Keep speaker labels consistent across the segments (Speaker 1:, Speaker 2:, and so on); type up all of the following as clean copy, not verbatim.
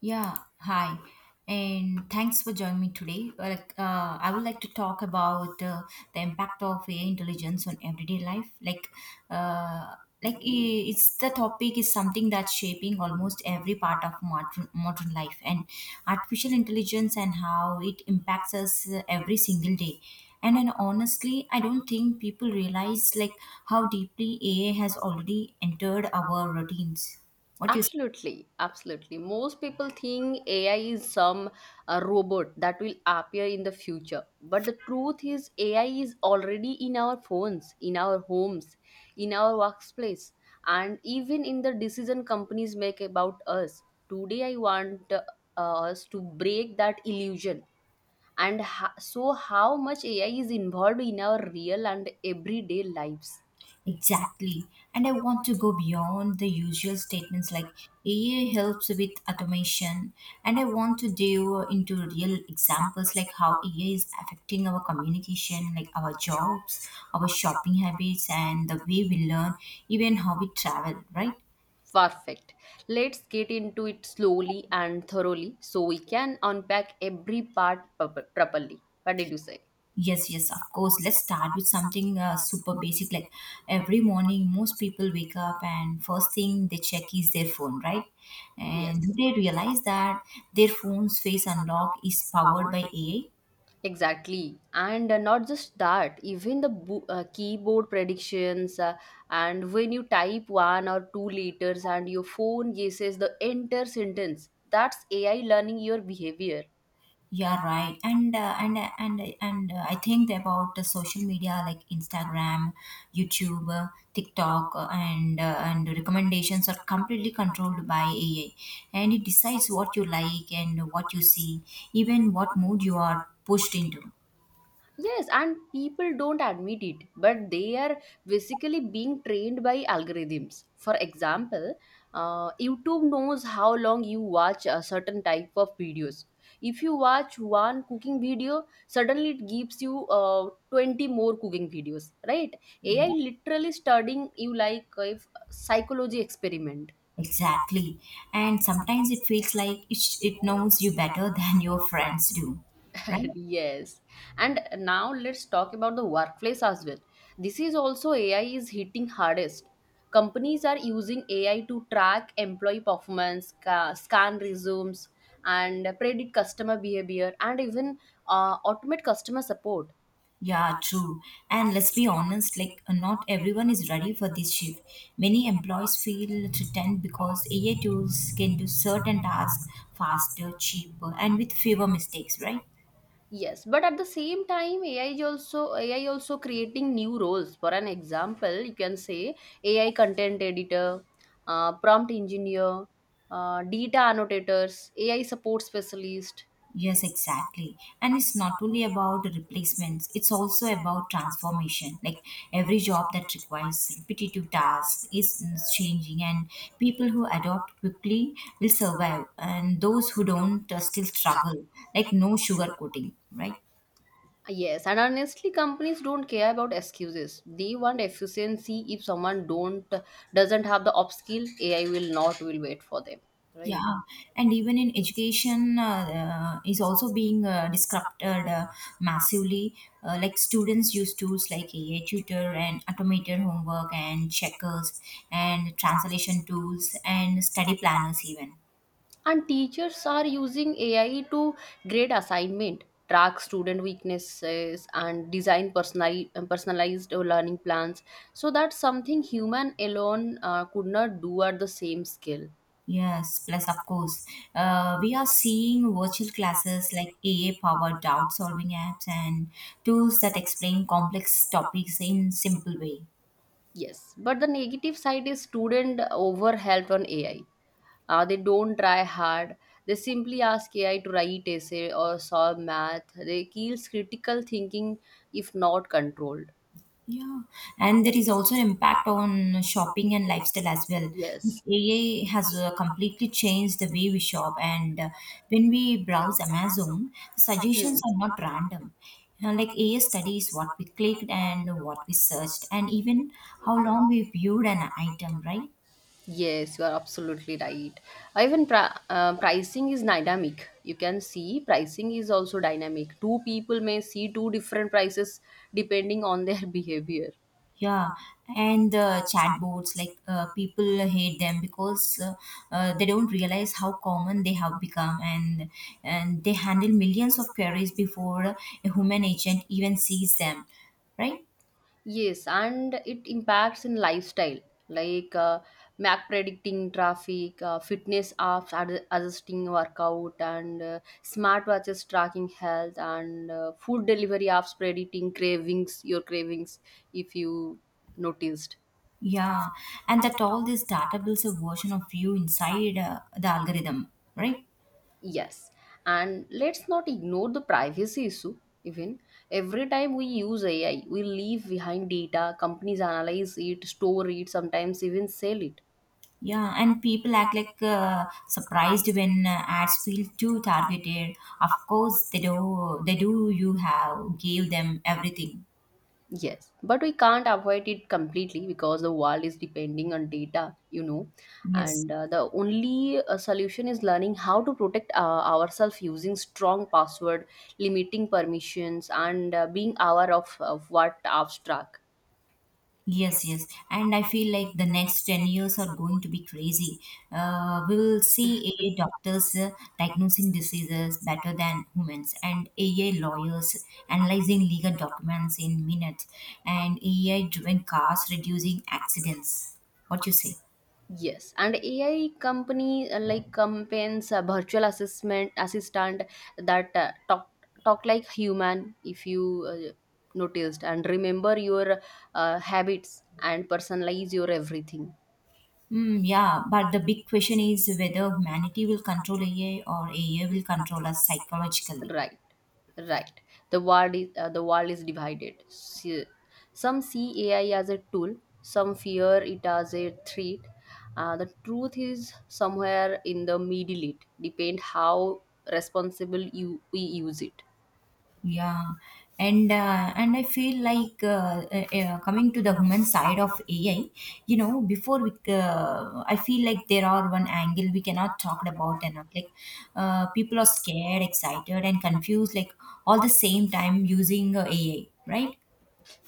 Speaker 1: Yeah, hi, and thanks for joining me today. I would like to talk about the impact of AI intelligence on everyday life. Uh, like i- it's the topic is something that's shaping almost every part of modern life, and artificial intelligence and how it impacts us every single day. And then honestly, I don't think people realize like how deeply AI has already entered our routines. What do you?
Speaker 2: Absolutely, absolutely. Most people think AI is some robot that will appear in the future. But the truth is, AI is already in our phones, in our homes, in our workplace, and even in the decision companies make about us. Today, I want us to break that illusion and so how much AI is involved in our real and everyday lives.
Speaker 1: Exactly. And I want to go beyond the usual statements like AI helps with automation. And I want to delve into real examples like how AI is affecting our communication, like our jobs, our shopping habits, and the way we learn, even how we travel, right?
Speaker 2: Perfect. Let's get into it slowly and thoroughly so we can unpack every part properly. What did you say?
Speaker 1: Yes, yes, of course. Let's start with something super basic. Like every morning, most people wake up and first thing they check is their phone, right? And
Speaker 2: Yes.
Speaker 1: they realize that their phone's face unlock is powered by AI.
Speaker 2: Exactly. And not just that, even the keyboard predictions, and when you type one or two letters and your phone guesses the entire sentence, that's AI learning your behavior.
Speaker 1: Yeah, right. And I think about the social media like Instagram, YouTube, TikTok, and the recommendations are completely controlled by AI, and it decides what you like and what you see, even what mood you are pushed into.
Speaker 2: Yes, and people don't admit it, but they are basically being trained by algorithms. For example, YouTube knows how long you watch a certain type of videos. If you watch one cooking video, suddenly it gives you 20 more cooking videos, right? AI
Speaker 1: Yeah,
Speaker 2: literally studying you like a psychology experiment.
Speaker 1: exactly. And sometimes it feels like it knows you better than your friends do, right?
Speaker 2: Yes. And now let's talk about the workplace as well. This is also AI is hitting hardest. Companies are using AI to track employee performance, scan resumes, and predict customer behavior, and even automate customer support.
Speaker 1: Yeah, true. And let's be honest, like not everyone is ready for this shift. Many employees feel threatened because AI tools can do certain tasks faster, cheaper, and with fewer mistakes, right?
Speaker 2: Yes, but at the same time, AI also creating new roles. For an example, you can say AI content editor, prompt engineer, data annotators, AI support specialist.
Speaker 1: Yes, exactly. And it's not only about replacements, it's also about transformation. Like every job that requires repetitive tasks is changing, and people who adopt quickly will survive, and those who don't still struggle. Like no sugarcoating, right?
Speaker 2: Yes, and honestly, companies don't care about excuses. They want efficiency. If someone don't doesn't have the upskill, AI will not will wait for them. Right.
Speaker 1: Yeah, and even in education is also being disrupted massively. Like students use tools like AI tutor and automated homework and checkers and translation tools and study planners even.
Speaker 2: And teachers are using ai to grade assignment, track student weaknesses, and design personalized learning plans, so that's something human alone could not do at the same scale.
Speaker 1: Yes, plus of course, we are seeing virtual classes like AA powered doubt solving apps and tools that explain complex topics in simple way.
Speaker 2: Yes, but the negative side is student overhelped on ai. They don't try hard. They simply ask ai to write essay or solve math. They kills critical thinking if not controlled.
Speaker 1: Yeah, and there is also an impact on shopping and lifestyle as well. Like,
Speaker 2: Yes.
Speaker 1: AI has completely changed the way we shop, and when we browse Amazon, the suggestions
Speaker 2: Hmm.
Speaker 1: are not random. You know, like AI studies what we clicked and what we searched, and even how long we viewed an item, right?
Speaker 2: Yes, you are absolutely right. Even pricing is dynamic. You can see pricing is also dynamic. Two people may see two different prices depending on their behavior.
Speaker 1: Yeah, and chatbots, like people hate them because they don't realize how common they have become, and they handle millions of queries before a human agent even sees them, right?
Speaker 2: Yes, and it impacts in lifestyle like map predicting traffic, fitness apps adjusting workout, and smartwatches tracking health, and food delivery apps predicting cravings, your cravings, if you noticed.
Speaker 1: Yeah, and that all this data builds a version of you inside the algorithm, right?
Speaker 2: Yes, and let's not ignore the privacy issue. Even every time we use AI, we leave behind data. Companies analyze it, store it, sometimes even sell it.
Speaker 1: Yeah, and people act like surprised when ads feel too targeted. Of course, they do. They do. You have gave them everything.
Speaker 2: Yes, but we can't avoid it completely because the world is depending on data.
Speaker 1: Yes.
Speaker 2: And the only solution is learning how to protect ourselves using strong password, limiting permissions, and being aware of, what abstract.
Speaker 1: Yes, yes. And I feel like the next 10 years are going to be crazy. We will see AI doctors diagnosing diseases better than humans, and AI lawyers analyzing legal documents in minutes, and AI driven cars reducing accidents. What you say?
Speaker 2: Yes, and AI company like campaigns a virtual assessment assistant that talk like human if you noticed and remember your habits and personalize your everything.
Speaker 1: Yeah, but the big question is whether humanity will control AI or AI will control us psychologically.
Speaker 2: Right, right. The world is divided. Some see AI as a tool, some fear it as a threat. The truth is somewhere in the middle. It depends how responsible you we use it.
Speaker 1: Yeah, and I feel like coming to the human side of AI, you know, I feel like there are one angle we cannot talk about enough. Like, people are scared, excited, and confused, like all the same time using AI, right?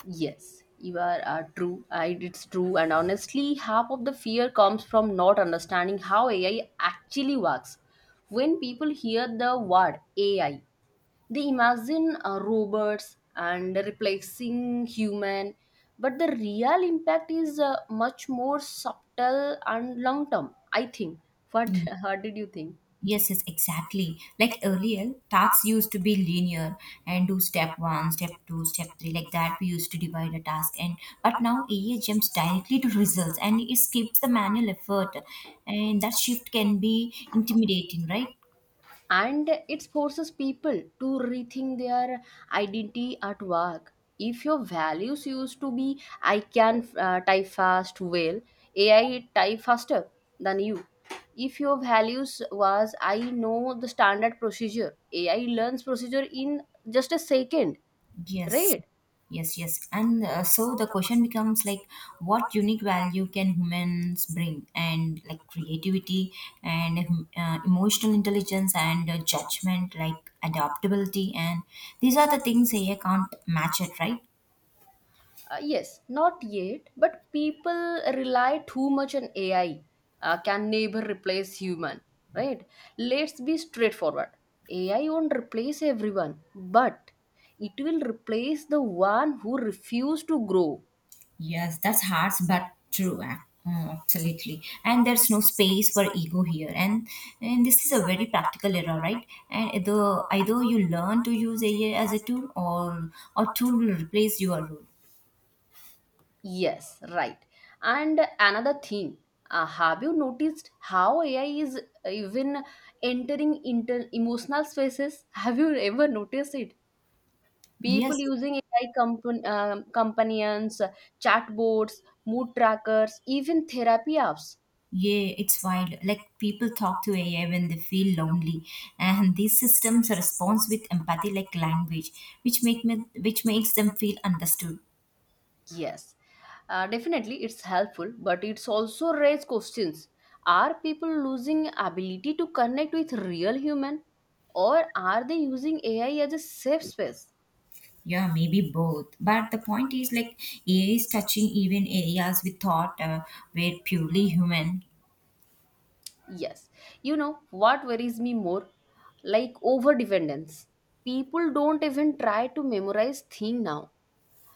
Speaker 2: Yes, you are true. It's true. And honestly, half of the fear comes from not understanding how AI actually works. When people hear the word AI, they imagine robots and replacing human, but the real impact is much more subtle and long term. I think. What? What did you think?
Speaker 1: Yes, yes, exactly. Like earlier, tasks used to be linear and do step one, step two, step three, like that. We used to divide a task, and but now AI jumps directly to results and it skips the manual effort, and that shift can be intimidating, right?
Speaker 2: And it forces people to rethink their identity at work. If your values used to be I can type fast, well, ai type faster than you. If your values was I know the standard procedure, ai learns procedure in just a second.
Speaker 1: Yes,
Speaker 2: Right.
Speaker 1: yes, yes. And so the question becomes like, what unique value can humans bring? And like creativity and emotional intelligence and judgment, like adaptability. And these are the things AI can't match it, right?
Speaker 2: Yes, not yet, but people rely too much on AI. Can neighbor replace human? Right? Let's be straightforward. AI won't replace everyone, but it will replace the one who refuse to grow.
Speaker 1: Yes, that's harsh but true. Absolutely. And there's no space for ego here. And this is a very practical era, right? And either you learn to use AI as a tool or a tool will replace your role.
Speaker 2: Yes, right. And another thing, have you noticed how AI is even entering emotional spaces? Have you ever noticed it?
Speaker 1: Yes,
Speaker 2: People using AI companions, chatbots, mood trackers, even therapy apps.
Speaker 1: yeah, it's wild. Like people talk to AI when they feel lonely, and these systems respond with empathy, like language, which makes them feel understood.
Speaker 2: Yes, definitely it's helpful, but it's also raise questions. Are people losing ability to connect with real human, or are they using AI as a safe space?
Speaker 1: Yeah, maybe both. But the point is, like AI is touching even areas we thought were purely human.
Speaker 2: Yes, you know what worries me more, like over dependence. People don't even try to memorize thing now,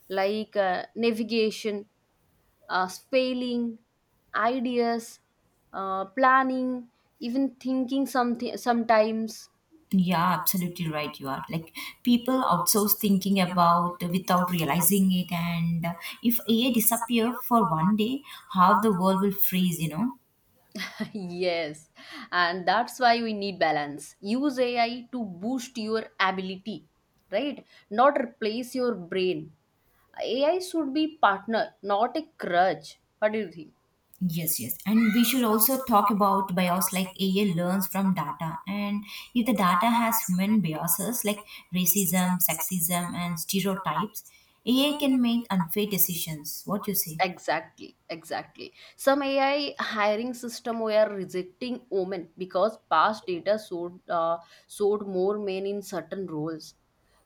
Speaker 2: like navigation, spelling, ideas, planning, even thinking something sometimes.
Speaker 1: Yeah, absolutely right. You are like people outsource thinking about without realizing it, and if AI disappear for one day, how the world will freeze, you know?
Speaker 2: Yes, and that's why we need balance. Use AI to boost your ability, right? Not replace your brain. AI should be partner, not a crutch. What do you think?
Speaker 1: Yes, yes. And we should also talk about bias like AI learns from data. And if the data has human biases like racism, sexism, and stereotypes, AI can make unfair decisions. What you say?
Speaker 2: Exactly, exactly. Some AI hiring system were rejecting women because past data showed more men in certain roles.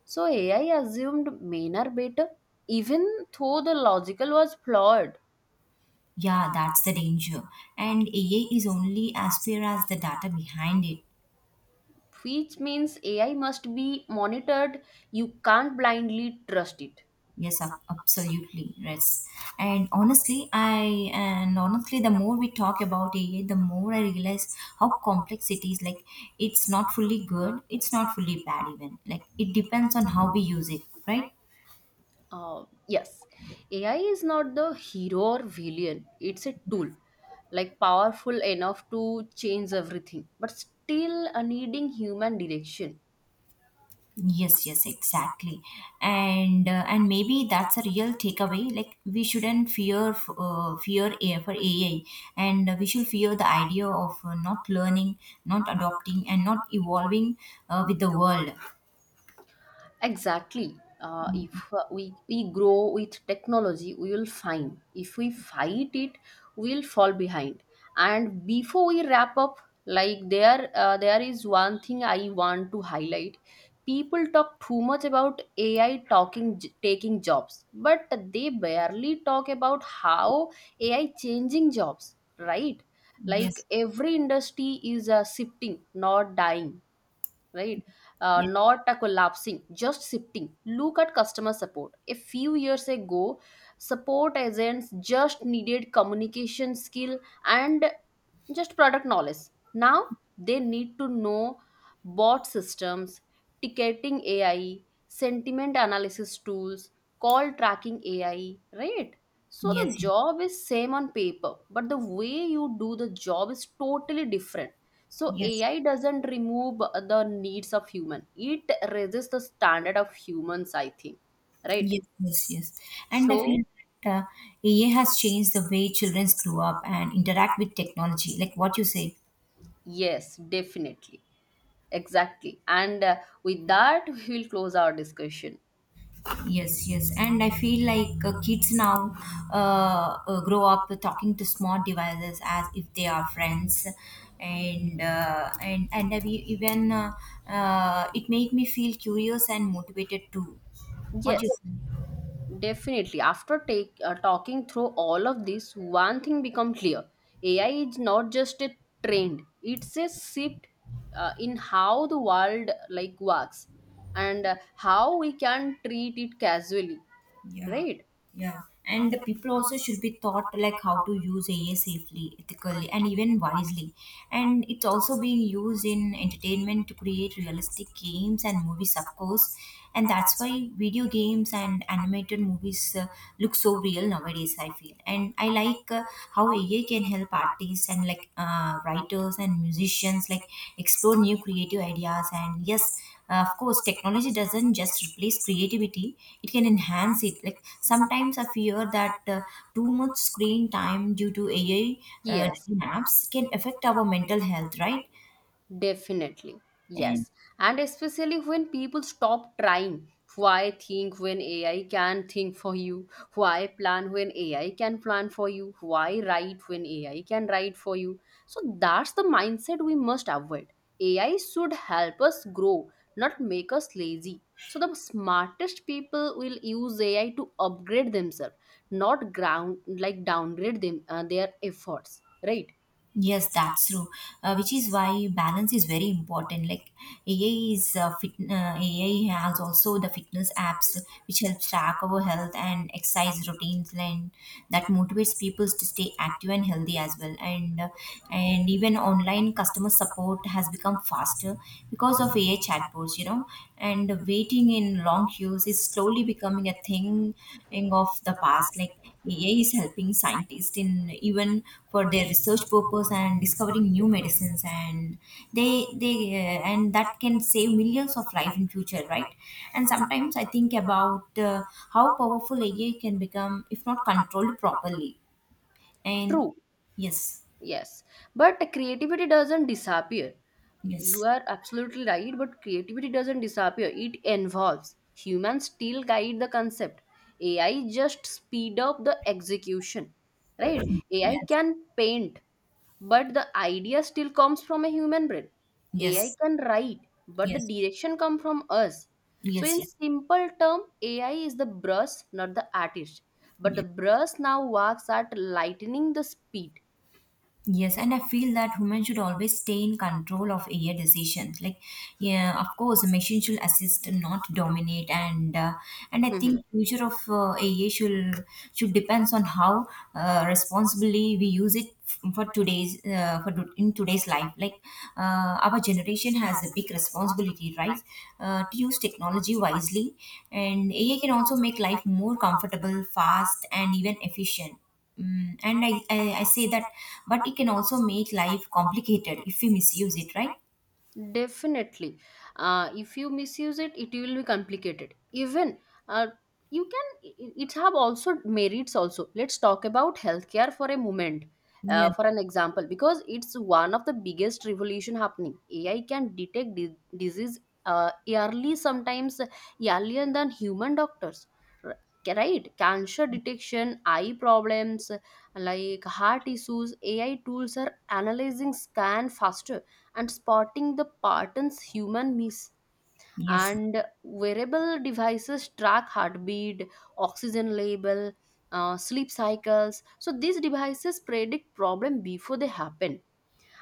Speaker 2: So AI assumed men are better, even though the logical was flawed.
Speaker 1: Yeah, that's the danger. And AI is only as fair as the data behind it.
Speaker 2: Which means AI must be monitored. You can't blindly trust it.
Speaker 1: Yes, absolutely. Yes. And honestly, the more we talk about AI, the more I realize how complex it is. Like, it's not fully good, it's not fully bad, even. Like, it depends on how we use it, right?
Speaker 2: Yes, AI is not the hero or villain, it's a tool, like powerful enough to change everything, but still needing human direction.
Speaker 1: Yes, yes, exactly. And and maybe that's a real takeaway. Like, we shouldn't fear AI for AI, and we should fear the idea of not learning, not adopting, and not evolving with the world.
Speaker 2: Exactly. If we grow with technology, we will find. If we fight it, we will fall behind. And before we wrap up, like there is one thing I want to highlight. People talk too much about AI taking jobs, but they barely talk about how AI changing jobs, right? Like
Speaker 1: Yes.
Speaker 2: every industry is shifting, not dying, right? Uh,
Speaker 1: Yes,
Speaker 2: not a collapsing, just shifting. Look at customer support. A few years ago, support agents just needed communication skill and just product knowledge. Now they need to know bot systems, ticketing AI, sentiment analysis tools, call tracking AI, right? So the
Speaker 1: yes,
Speaker 2: job is same on paper, but the way you do the job is totally different. So
Speaker 1: yes,
Speaker 2: AI doesn't remove the needs of human. It raises the standard of humans, I think. Right?
Speaker 1: yes, yes, yes. And I
Speaker 2: So
Speaker 1: feel that AI has changed the way children grow up and interact with technology, like what you say.
Speaker 2: yes, definitely. Exactly. And with that, we'll close our discussion.
Speaker 1: Yes, yes. And I feel like kids now grow up talking to smart devices as if they are friends. And I've e- even it made me feel curious and motivated too. What do you
Speaker 2: Yes,
Speaker 1: say?
Speaker 2: definitely. After talking through all of this, one thing become clear. AI is not just a trend; it's a shift in how the world like works and how we can treat it casually,
Speaker 1: Yeah,
Speaker 2: right?
Speaker 1: yeah. And the people also should be taught like how to use AI safely, ethically, and even wisely. And it's also being used in entertainment to create realistic games and movies, of course. And that's why video games and animated movies look so real nowadays, I feel. And I like how AI can help artists and like writers and musicians like explore new creative ideas. And yes, of course, technology doesn't just replace creativity, it can enhance it. Like sometimes I fear that too much screen time due to AI
Speaker 2: Yes.
Speaker 1: driven apps can affect our mental health, right?
Speaker 2: Definitely,
Speaker 1: And
Speaker 2: yes. And especially when people stop trying. Why think when AI can think for you? Why plan when AI can plan for you? Why write when AI can write for you? So that's the mindset we must avoid. AI should help us grow, not make us lazy. So the smartest people will use AI to upgrade themselves, not ground like downgrade them their efforts. Right?
Speaker 1: yes, that's true. Which is why balance is very important. Like AI has also the fitness apps which help track our health and exercise routines, and that motivates people to stay active and healthy as well. And even online customer support has become faster because of AI chatbots. You know, and waiting in long queues is slowly becoming a thing of the past. Like AI is helping scientists in even for their research purpose and discovering new medicines and they and that can save millions of life in future, right? And sometimes I think about how powerful AI can become if not controlled properly. And
Speaker 2: True.
Speaker 1: yes,
Speaker 2: Yes, but creativity doesn't disappear. You
Speaker 1: yes,
Speaker 2: are absolutely right, but creativity doesn't disappear. It evolves. Humans still guide the concept. AI just speed up the execution. Right? AI
Speaker 1: yes,
Speaker 2: can paint, but the idea still comes from a human brain. AI
Speaker 1: yes,
Speaker 2: can write, but the
Speaker 1: yes, yes,
Speaker 2: direction come from us. So
Speaker 1: yes,
Speaker 2: in simple term, AI is the brush, not the artist. But the
Speaker 1: yes.
Speaker 2: brush now works at lightening the speed.
Speaker 1: Yes, and I feel that women should always stay in control of AI decisions. Like, yeah, of course, a machine should assist, not dominate. And and I think future of AI should depends on how responsibly we use it for in today's life. Like, our generation has a big responsibility, right, to use technology wisely. And AI can also make life more comfortable, fast, and even efficient. And I say that, but it can also make life complicated if we misuse it, right?
Speaker 2: Definitely. If you misuse it, it will be complicated. Even uh, you can, it have also merits also. Let's talk about healthcare for a moment. Uh,
Speaker 1: Yes,
Speaker 2: for an example, because it's one of the biggest revolution happening. AI can detect disease early, sometimes earlier than human doctors. R- Right? Cancer detection, eye problems, like heart issues. AI tools are analyzing scan faster and spotting the patterns human miss.
Speaker 1: yes,
Speaker 2: And wearable devices track heartbeat, oxygen level, sleep cycles. So these devices predict problem before they happen.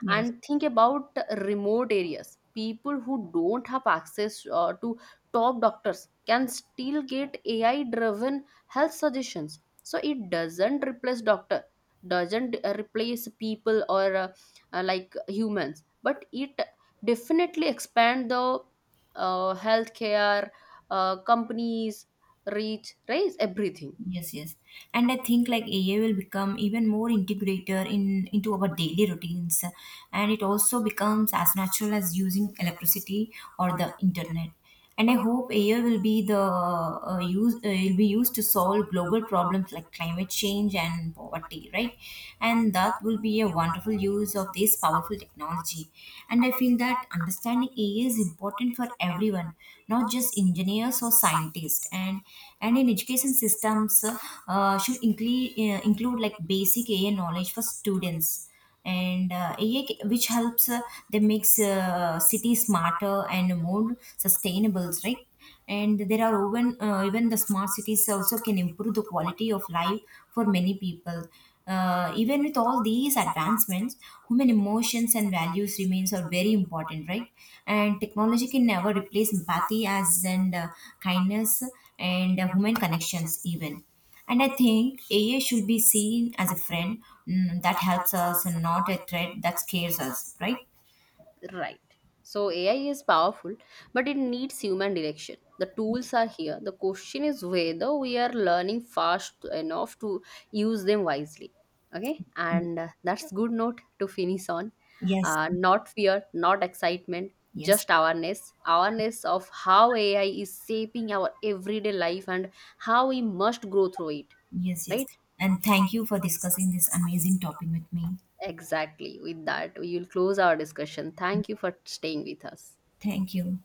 Speaker 1: yes.
Speaker 2: And think about remote areas. People who don't have access to top doctors can still get ai driven health suggestions. So it doesn't replace people or like humans, but it definitely expand the healthcare companies reach raise everything.
Speaker 1: Yes, yes. And I think like AI will become even more integrator in into our daily routines and it also becomes as natural as using electricity or the internet. And I hope AI will be the use will be used to solve global problems like climate change and poverty, right? And that will be a wonderful use of this powerful technology. And I feel that understanding AI is important for everyone, not just engineers or scientists. And in education systems, should include like basic AI knowledge for students and which helps they makes cities smarter and more sustainable, right? And there are even the smart cities also can improve the quality of life for many people. Even with all these advancements, human emotions and values remains are very important, right? And technology can never replace empathy as and kindness and human connections even. And I think AI should be seen as a friend, that helps us and not a threat that scares us, right?
Speaker 2: Right. So AI is powerful, but it needs human direction. The tools are here. The question is whether we are learning fast enough to use them wisely. Okay, and that's good note to finish on.
Speaker 1: Yes,
Speaker 2: Not fear, not excitement,
Speaker 1: yes,
Speaker 2: just awareness. Awareness of how AI is shaping our everyday life and how we must grow through it.
Speaker 1: yes, yes.
Speaker 2: Right?
Speaker 1: And thank you for discussing this amazing topic with me.
Speaker 2: Exactly. With that, we will close our discussion. Thank you for staying with us.
Speaker 1: Thank you.